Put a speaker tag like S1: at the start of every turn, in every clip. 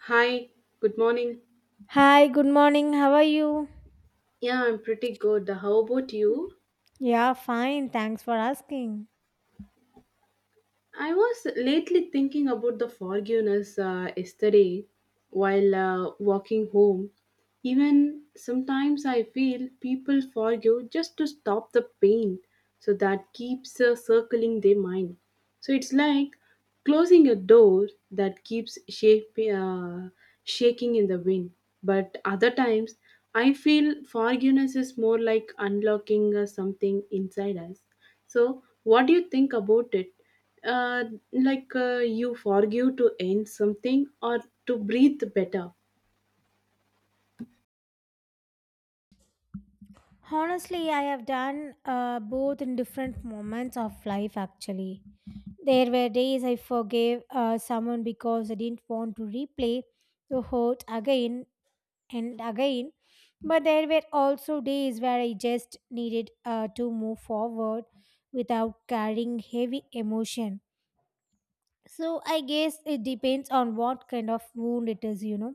S1: Hi, good morning.
S2: Hi, good morning. How are you?
S1: Yeah, I'm pretty good. How about you?
S2: Yeah, fine. Thanks for asking.
S1: I was lately thinking about the forgiveness yesterday while walking home. Even sometimes I feel people forgive just to stop the pain, so that keeps circling their mind. So it's like closing a door that keeps shaking in the wind. But other times, I feel forgiveness is more like unlocking something inside us. So, what do you think about it? Uh, like you forgive to end something or to breathe better?
S2: Honestly, I have done both in different moments of life actually. There were days I forgave someone because I didn't want to replay the hurt again and again. But there were also days where I just needed to move forward without carrying heavy emotion. So I guess it depends on what kind of wound it is, you know.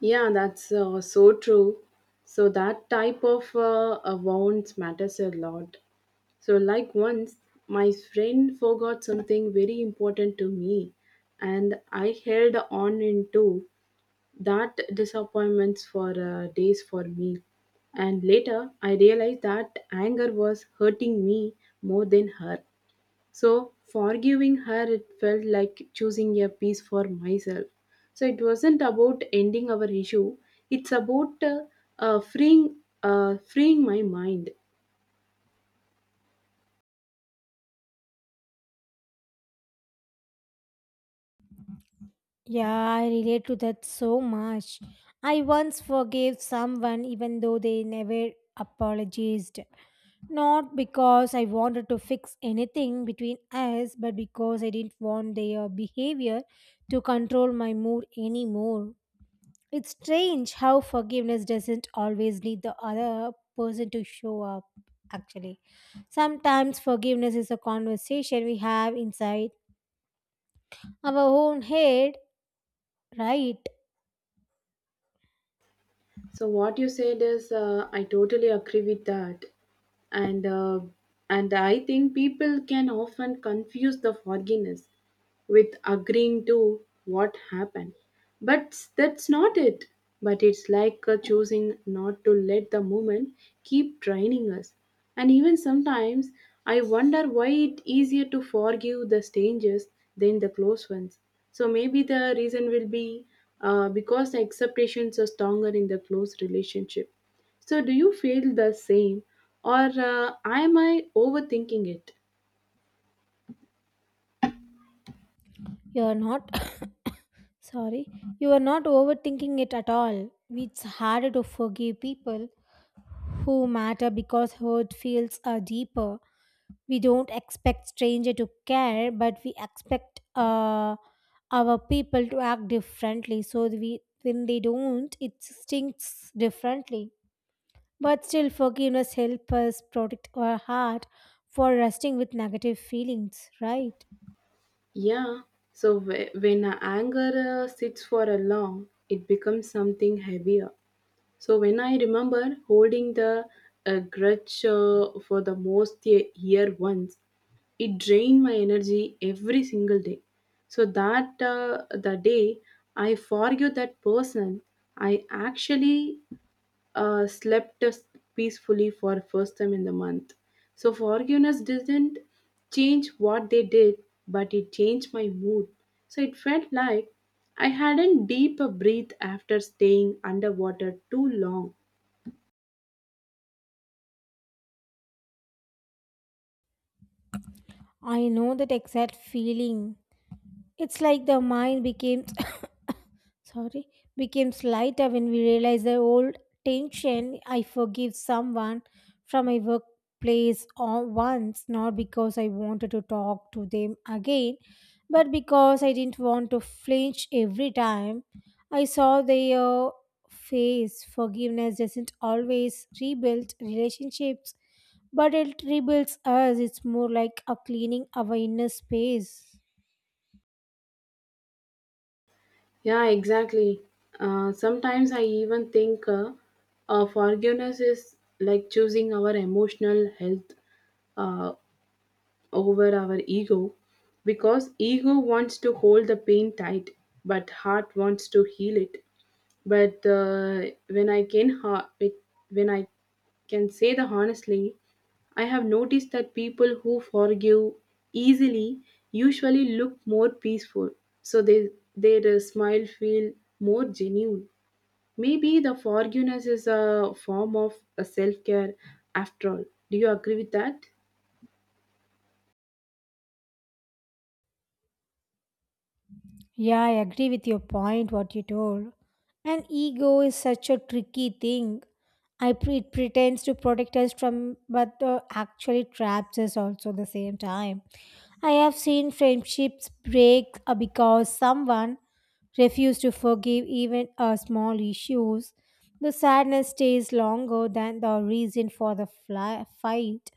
S1: Yeah, that's so true. So that type of wounds matters a lot. So like once my friend forgot something very important to me, and I held on into that disappointments for days for me. And later I realized that anger was hurting me more than her. So forgiving her, it felt like choosing a piece for myself. So it wasn't about ending our issue. It's about freeing my mind.
S2: Yeah, I relate to that so much. I once forgave someone even though they never apologized. Not because I wanted to fix anything between us, but because I didn't want their behavior to control my mood anymore. It's strange how forgiveness doesn't always need the other person to show up, actually. Sometimes forgiveness is a conversation we have inside our own head, right?
S1: So what you said is, I totally agree with that, and and I think people can often confuse the forgiveness with agreeing to what happened. But that's not it. But it's like choosing not to let the moment keep draining us. And even sometimes I wonder why it's easier to forgive the strangers than the close ones. So maybe the reason will be because the expectations are stronger in the close relationship. So do you feel the same or am I overthinking it?
S2: You're not Sorry, you are not overthinking it at all. It's harder to forgive people who matter because hurt feels are deeper. We don't expect stranger to care, but we expect our people to act differently. So we, when they don't, it stinks differently. But still, forgiveness helps us protect our heart for resting with negative feelings, right?
S1: Yeah. So when a anger sits for a long, it becomes something heavier. So when I remember holding the grudge for the most year once, it drained my energy every single day. So that the day I forgive that person, I actually slept peacefully for first time in the month. So forgiveness didn't change what they did, but it changed my mood. So it felt like I hadn't deep a breath after staying underwater too long.
S2: I know that exact feeling. It's like the mind becomes sorry becomes lighter when we realize the old tension. I forgive someone from my workplace or once, not because I wanted to talk to them again, but because I didn't want to flinch every time I saw their face. Forgiveness doesn't always rebuild relationships, but it rebuilds us. It's more like a cleaning our inner space.
S1: Yeah, exactly. Sometimes I even think forgiveness is like choosing our emotional health Uh, over our ego, because ego wants to hold the pain tight, but heart wants to heal it. But when I can ha- it- when I can say the honestly, I have noticed that people who forgive easily usually look more peaceful, so they their smile feel more genuine. Maybe the forgiveness is a form of a self care after all. Do you agree with that?
S2: Yeah, I agree with your point, what you told. And ego is such a tricky thing. It pretends to protect us from, but actually traps us also the same time. I have seen friendships break because someone refused to forgive even small issues. The sadness stays longer than the reason for the fight.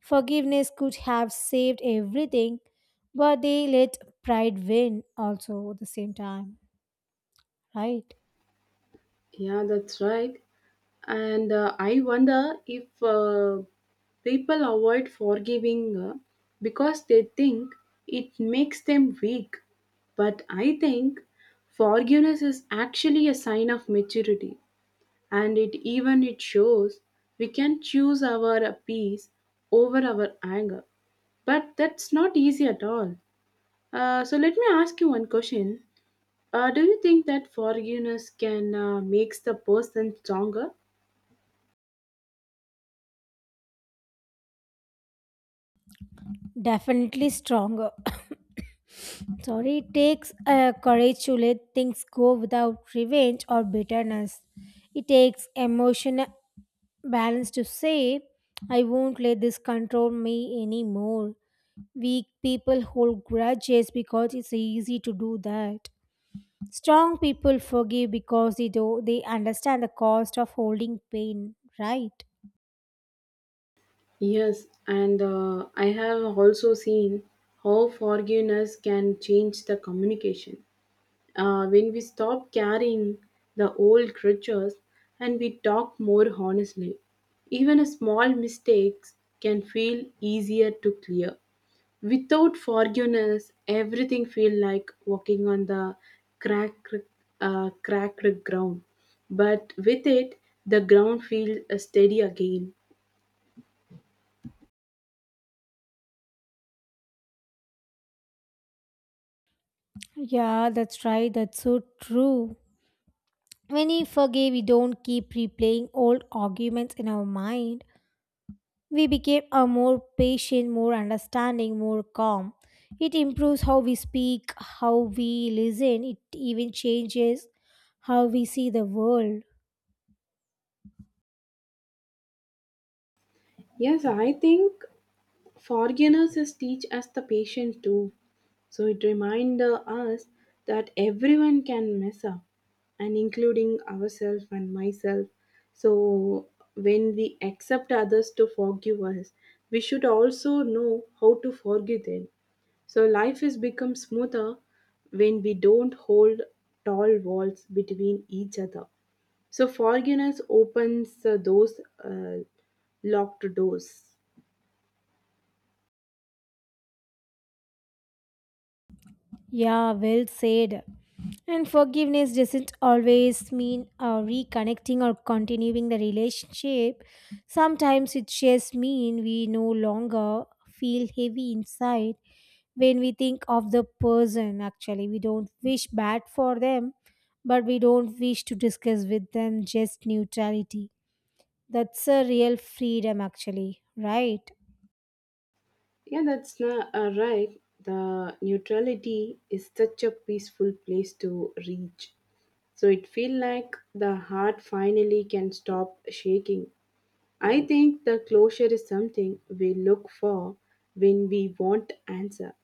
S2: Forgiveness could have saved everything, but they let pride win also at the same time, right?
S1: Yeah, that's right. And I wonder if people avoid forgiving because they think it makes them weak. But I think forgiveness is actually a sign of maturity, and it even it shows we can choose our peace over our anger. But that's not easy at all. So let me ask you one question. Do you think that forgiveness can makes the person stronger?
S2: Definitely stronger. Sorry, it takes courage to let things go without revenge or bitterness. It takes emotional balance to say, I won't let this control me anymore. Weak people hold grudges because it's easy to do that. Strong people forgive because they understand the cost of holding pain, right?
S1: Yes, and I have also seen how forgiveness can change the communication. When we stop carrying the old grudges and we talk more honestly, even a small mistakes can feel easier to clear. Without forgiveness, everything feel like walking on the crack, cracked ground. But with it, the ground feels steady again.
S2: Yeah, that's right. That's so true. When we forgive, we don't keep replaying old arguments in our mind. We became a more patient, more understanding, more calm. It improves how we speak, how we listen. It even changes how we see the world.
S1: Yes, I think Forgenesis teach us the patience too. So it reminds us that everyone can mess up, and including ourselves and myself. So when we accept others to forgive us, we should also know how to forgive them. So life is become smoother when we don't hold tall walls between each other. So forgiveness opens those locked doors.
S2: Yeah, well said. And forgiveness doesn't always mean reconnecting or continuing the relationship. Sometimes it just means we no longer feel heavy inside when we think of the person. Actually, we don't wish bad for them, but we don't wish to discuss with them, just neutrality. That's a real freedom, actually, right?
S1: Yeah, that's not right. The neutrality is such a peaceful place to reach. So it feel like the heart finally can stop shaking. I think the closure is something we look for when we want answer,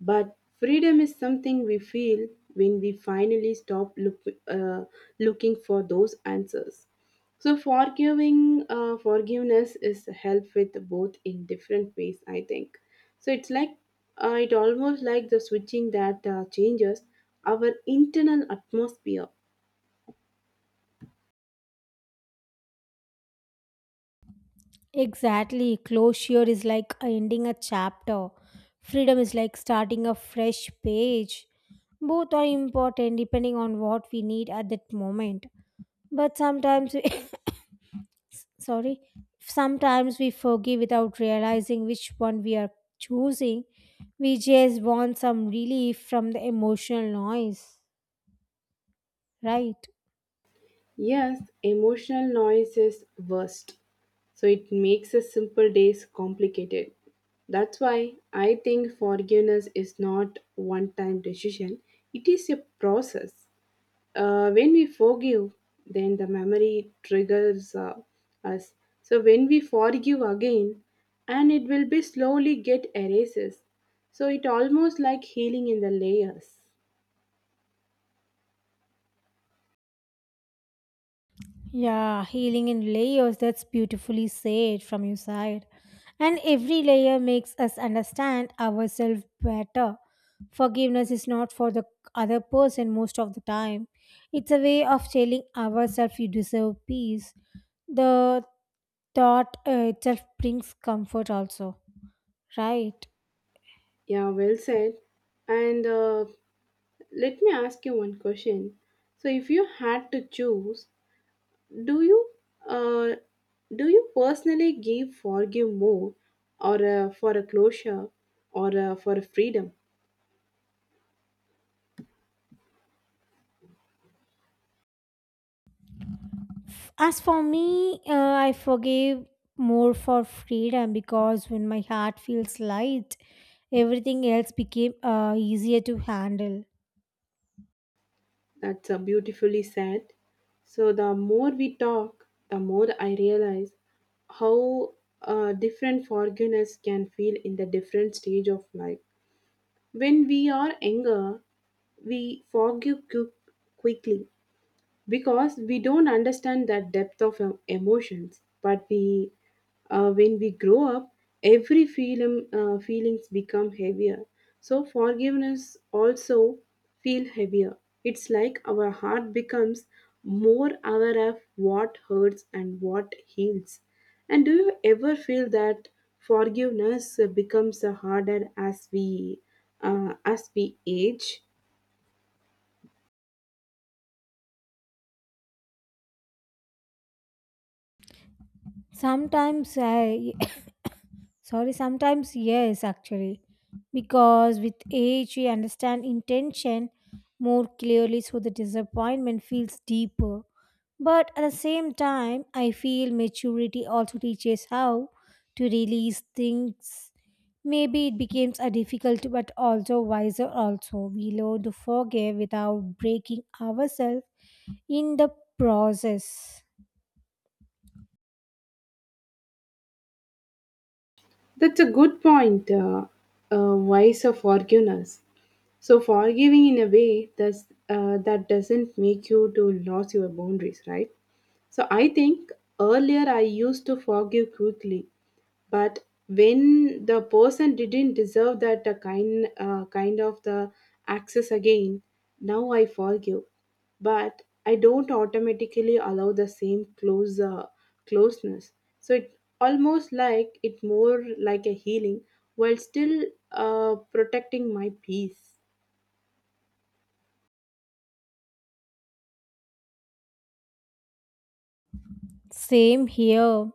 S1: but freedom is something we feel when we finally stop uh, looking for those answers. So forgiving forgiveness is help with both in different ways. I think so. It's like it almost like the switching that changes our internal atmosphere.
S2: Exactly. Closure is like ending a chapter. Freedom is like starting a fresh page. Both are important depending on what we need at that moment. But sometimes we, sorry, sometimes we forgive without realizing which one we are choosing. We just want some relief from the emotional noise, right?
S1: Yes, emotional noise is worst. So it makes a simple days complicated. That's why I think forgiveness is not one time decision. It is a process. When we forgive, then the memory triggers us. So when we forgive again, and it will be slowly get erases. So it almost like healing in the layers.
S2: Yeah, healing in layers, that's beautifully said from your side. And every layer makes us understand ourselves better. Forgiveness is not for the other person most of the time, it's a way of telling ourselves you deserve peace. The thought itself brings comfort, also, right?
S1: Yeah, well said. And let me ask you one question. So if you had to choose, do you uh, personally give forgive more, or for a closure, or for a freedom?
S2: As for me, I forgive more for freedom, because when my heart feels light, everything else became easier to handle.
S1: That's beautifully said. So the more we talk, the more I realize how different forgiveness can feel in the different stage of life. When we are younger, we forgive quickly because we don't understand that depth of emotions. But we when we grow up every feeling feelings become heavier, so forgiveness also feel heavier. It's like our heart becomes more aware of what hurts and what heals. And do you ever feel that forgiveness becomes harder as we age?
S2: Sometimes I, sorry, sometimes yes, actually, because with age we understand intention more clearly, so the disappointment feels deeper. But at the same time, I feel maturity also teaches how to release things. Maybe it becomes a difficult but also wiser also. We learn to forgive without breaking ourselves in the process.
S1: That's a good point, wise of forgiveness. So forgiving in a way that's, that doesn't make you to lose your boundaries, right? So I think earlier I used to forgive quickly, but when the person didn't deserve that kind of the access again, now I forgive, but I don't automatically allow the same closeness. So it almost like it more like a healing while still protecting my peace.
S2: Same here.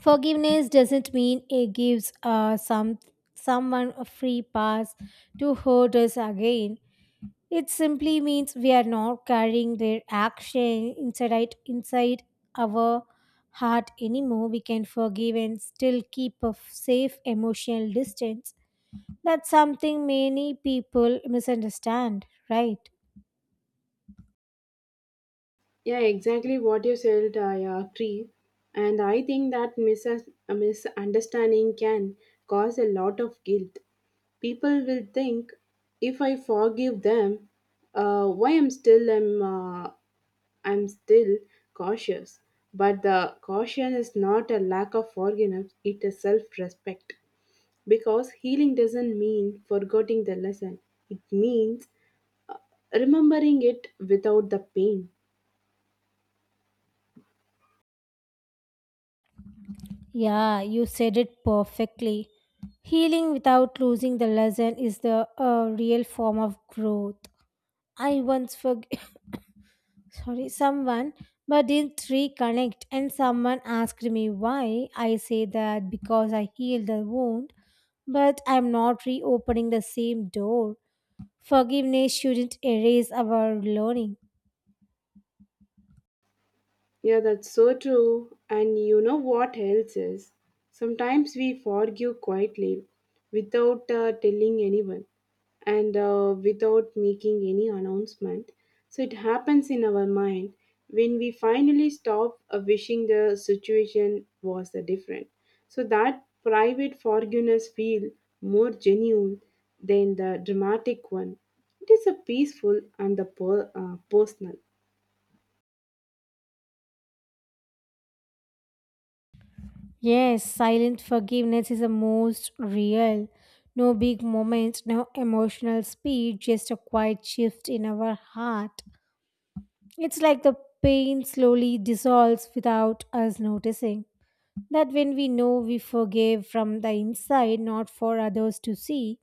S2: Forgiveness doesn't mean it gives someone a free pass to hurt us again. It simply means we are not carrying their action inside our heart anymore. We can forgive and still keep a safe emotional distance. That's something many people misunderstand, right?
S1: Yeah, exactly what you said, I agree. And I think that a misunderstanding can cause a lot of guilt. People will think, if I forgive them, why I'm still cautious. But the caution is not a lack of forgiveness; it is self-respect. Because healing doesn't mean forgetting the lesson; it means remembering it without the pain.
S2: Yeah, you said it perfectly. Healing without losing the lesson is the real form of growth. I once forg- sorry someone, but didn't reconnect, and someone asked me why. I say that because I healed the wound, but I'm not reopening the same door. Forgiveness shouldn't erase our learning.
S1: Yeah, that's so true. And you know what else is? Sometimes we forgive quietly without telling anyone and without making any announcement. So it happens in our mind when we finally stop wishing the situation was different. So that private forgiveness feel more genuine than the dramatic one. It is a peaceful and the personal.
S2: Yes, silent forgiveness is the most real. No big moments, no emotional speed, just a quiet shift in our heart. It's like the pain slowly dissolves without us noticing. That when we know we forgive from the inside, not for others to see,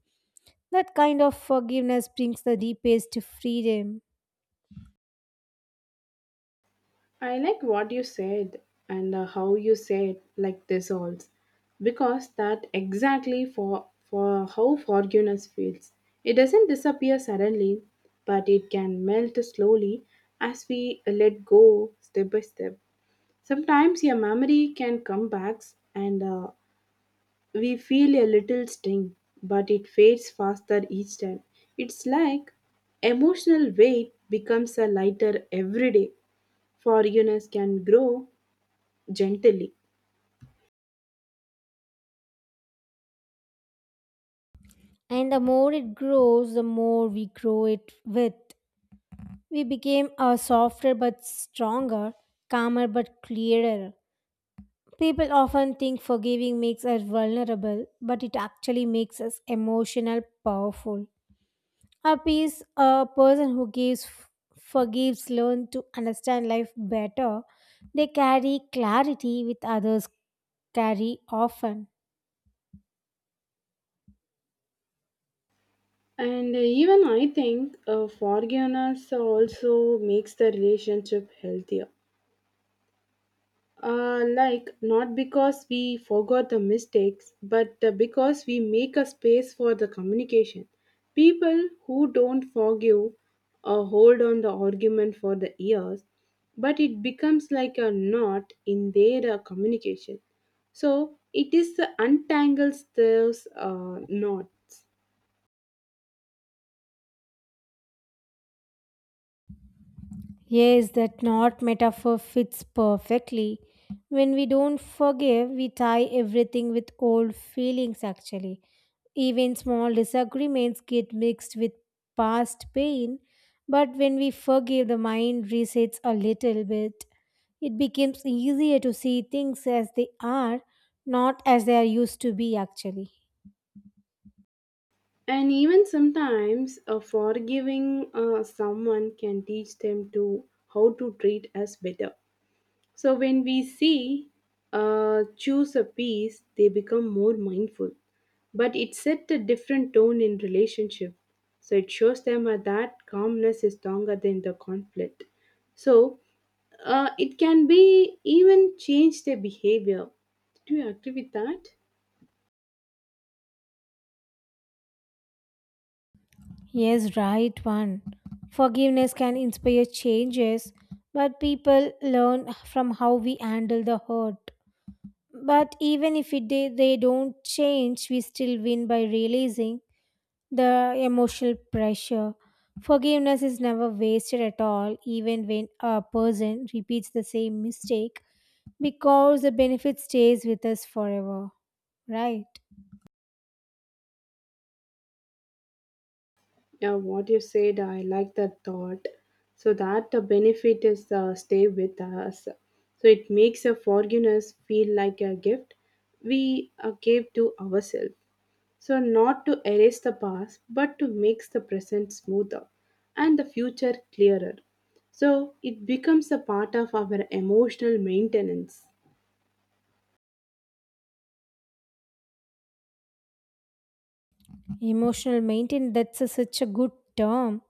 S2: that kind of forgiveness brings the deepest freedom.
S1: I like what you said and how you said like this also, because that exactly for how forgiveness feels. It doesn't disappear suddenly, but it can melt slowly as we let go step by step. Sometimes your memory can come back and we feel a little sting, but it fades faster each time. It's like emotional weight becomes a lighter every day. Forgiveness can grow gently.
S2: And the more it grows, the more we grow it with. We became a softer but stronger, calmer but clearer. People often think forgiving makes us vulnerable, but it actually makes us emotional, powerful. A peace, a person who gives, forgives, learn to understand life better. They carry clarity with others carry often.
S1: And even I think forgiveness also makes the relationship healthier. Like, not because we forgot the mistakes, but because we make a space for the communication. People who don't forgive hold on the argument for the years, but it becomes like a knot in their communication. So, it is the untangles those knots.
S2: Yes, that not metaphor fits perfectly. When we don't forgive, we tie everything with old feelings actually. Even small disagreements get mixed with past pain, but when we forgive, the mind resets a little bit. It becomes easier to see things as they are, not as they are used to be, actually.
S1: And even sometimes, forgiving someone can teach them to how to treat us better. So when we see, choose a peace, they become more mindful. But it set a different tone in relationship. So it shows them that calmness is stronger than the conflict. So it can be even change their behavior. Do you agree with that?
S2: Yes, right one. Forgiveness can inspire changes, but people learn from how we handle the hurt. But even if they don't change, we still win by realizing the emotional pressure. Forgiveness is never wasted at all, even when a person repeats the same mistake, because the benefit stays with us forever, right?
S1: Yeah, what you said, I like that thought. So that the benefit is stay with us. So it makes a forgiveness feel like a gift we gave to ourselves. So not to erase the past, but to make the present smoother and the future clearer. So it becomes a part of our emotional maintenance.
S2: Emotional maintenance, that's a, such a good term.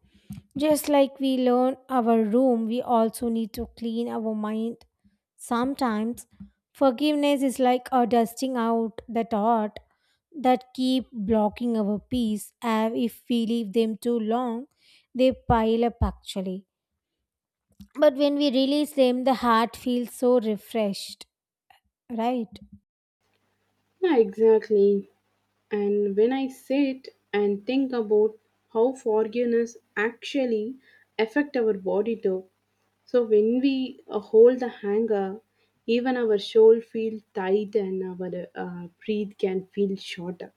S2: Just like we learn our room, we also need to clean our mind. Sometimes forgiveness is like a dusting out the thought that keep blocking our peace, and if we leave them too long, they pile up actually. But when we release them, the heart feels so refreshed, right?
S1: Yeah, exactly. And when I sit and think about how forgiveness actually affect our body too, so when we hold the hanger, even our soul feels tight and our breath can feel shorter.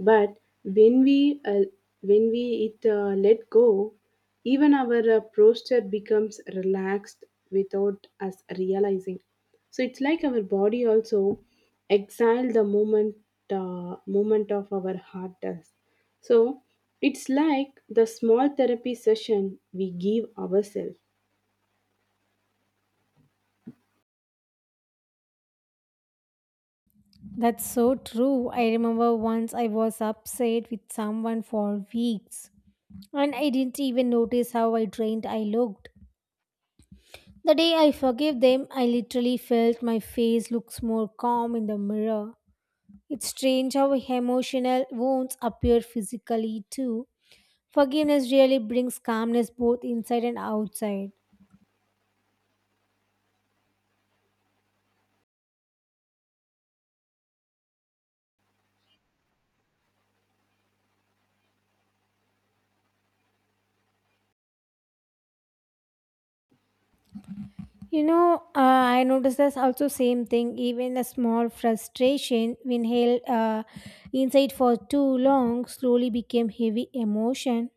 S1: But when we uh, when we it let go, even our posture becomes relaxed without us realizing. So it's like our body also exile the moment moment of our heart does. So it's like the small therapy session we give ourselves.
S2: That's so true. I remember once I was upset with someone for weeks and I didn't even notice how I drained I looked. The day I forgave them, I literally felt my face looks more calm in the mirror. It's strange how emotional wounds appear physically too. Forgiveness really brings calmness both inside and outside. You know, I noticed this also same thing. Even a small frustration when held inside for too long slowly became heavy emotion.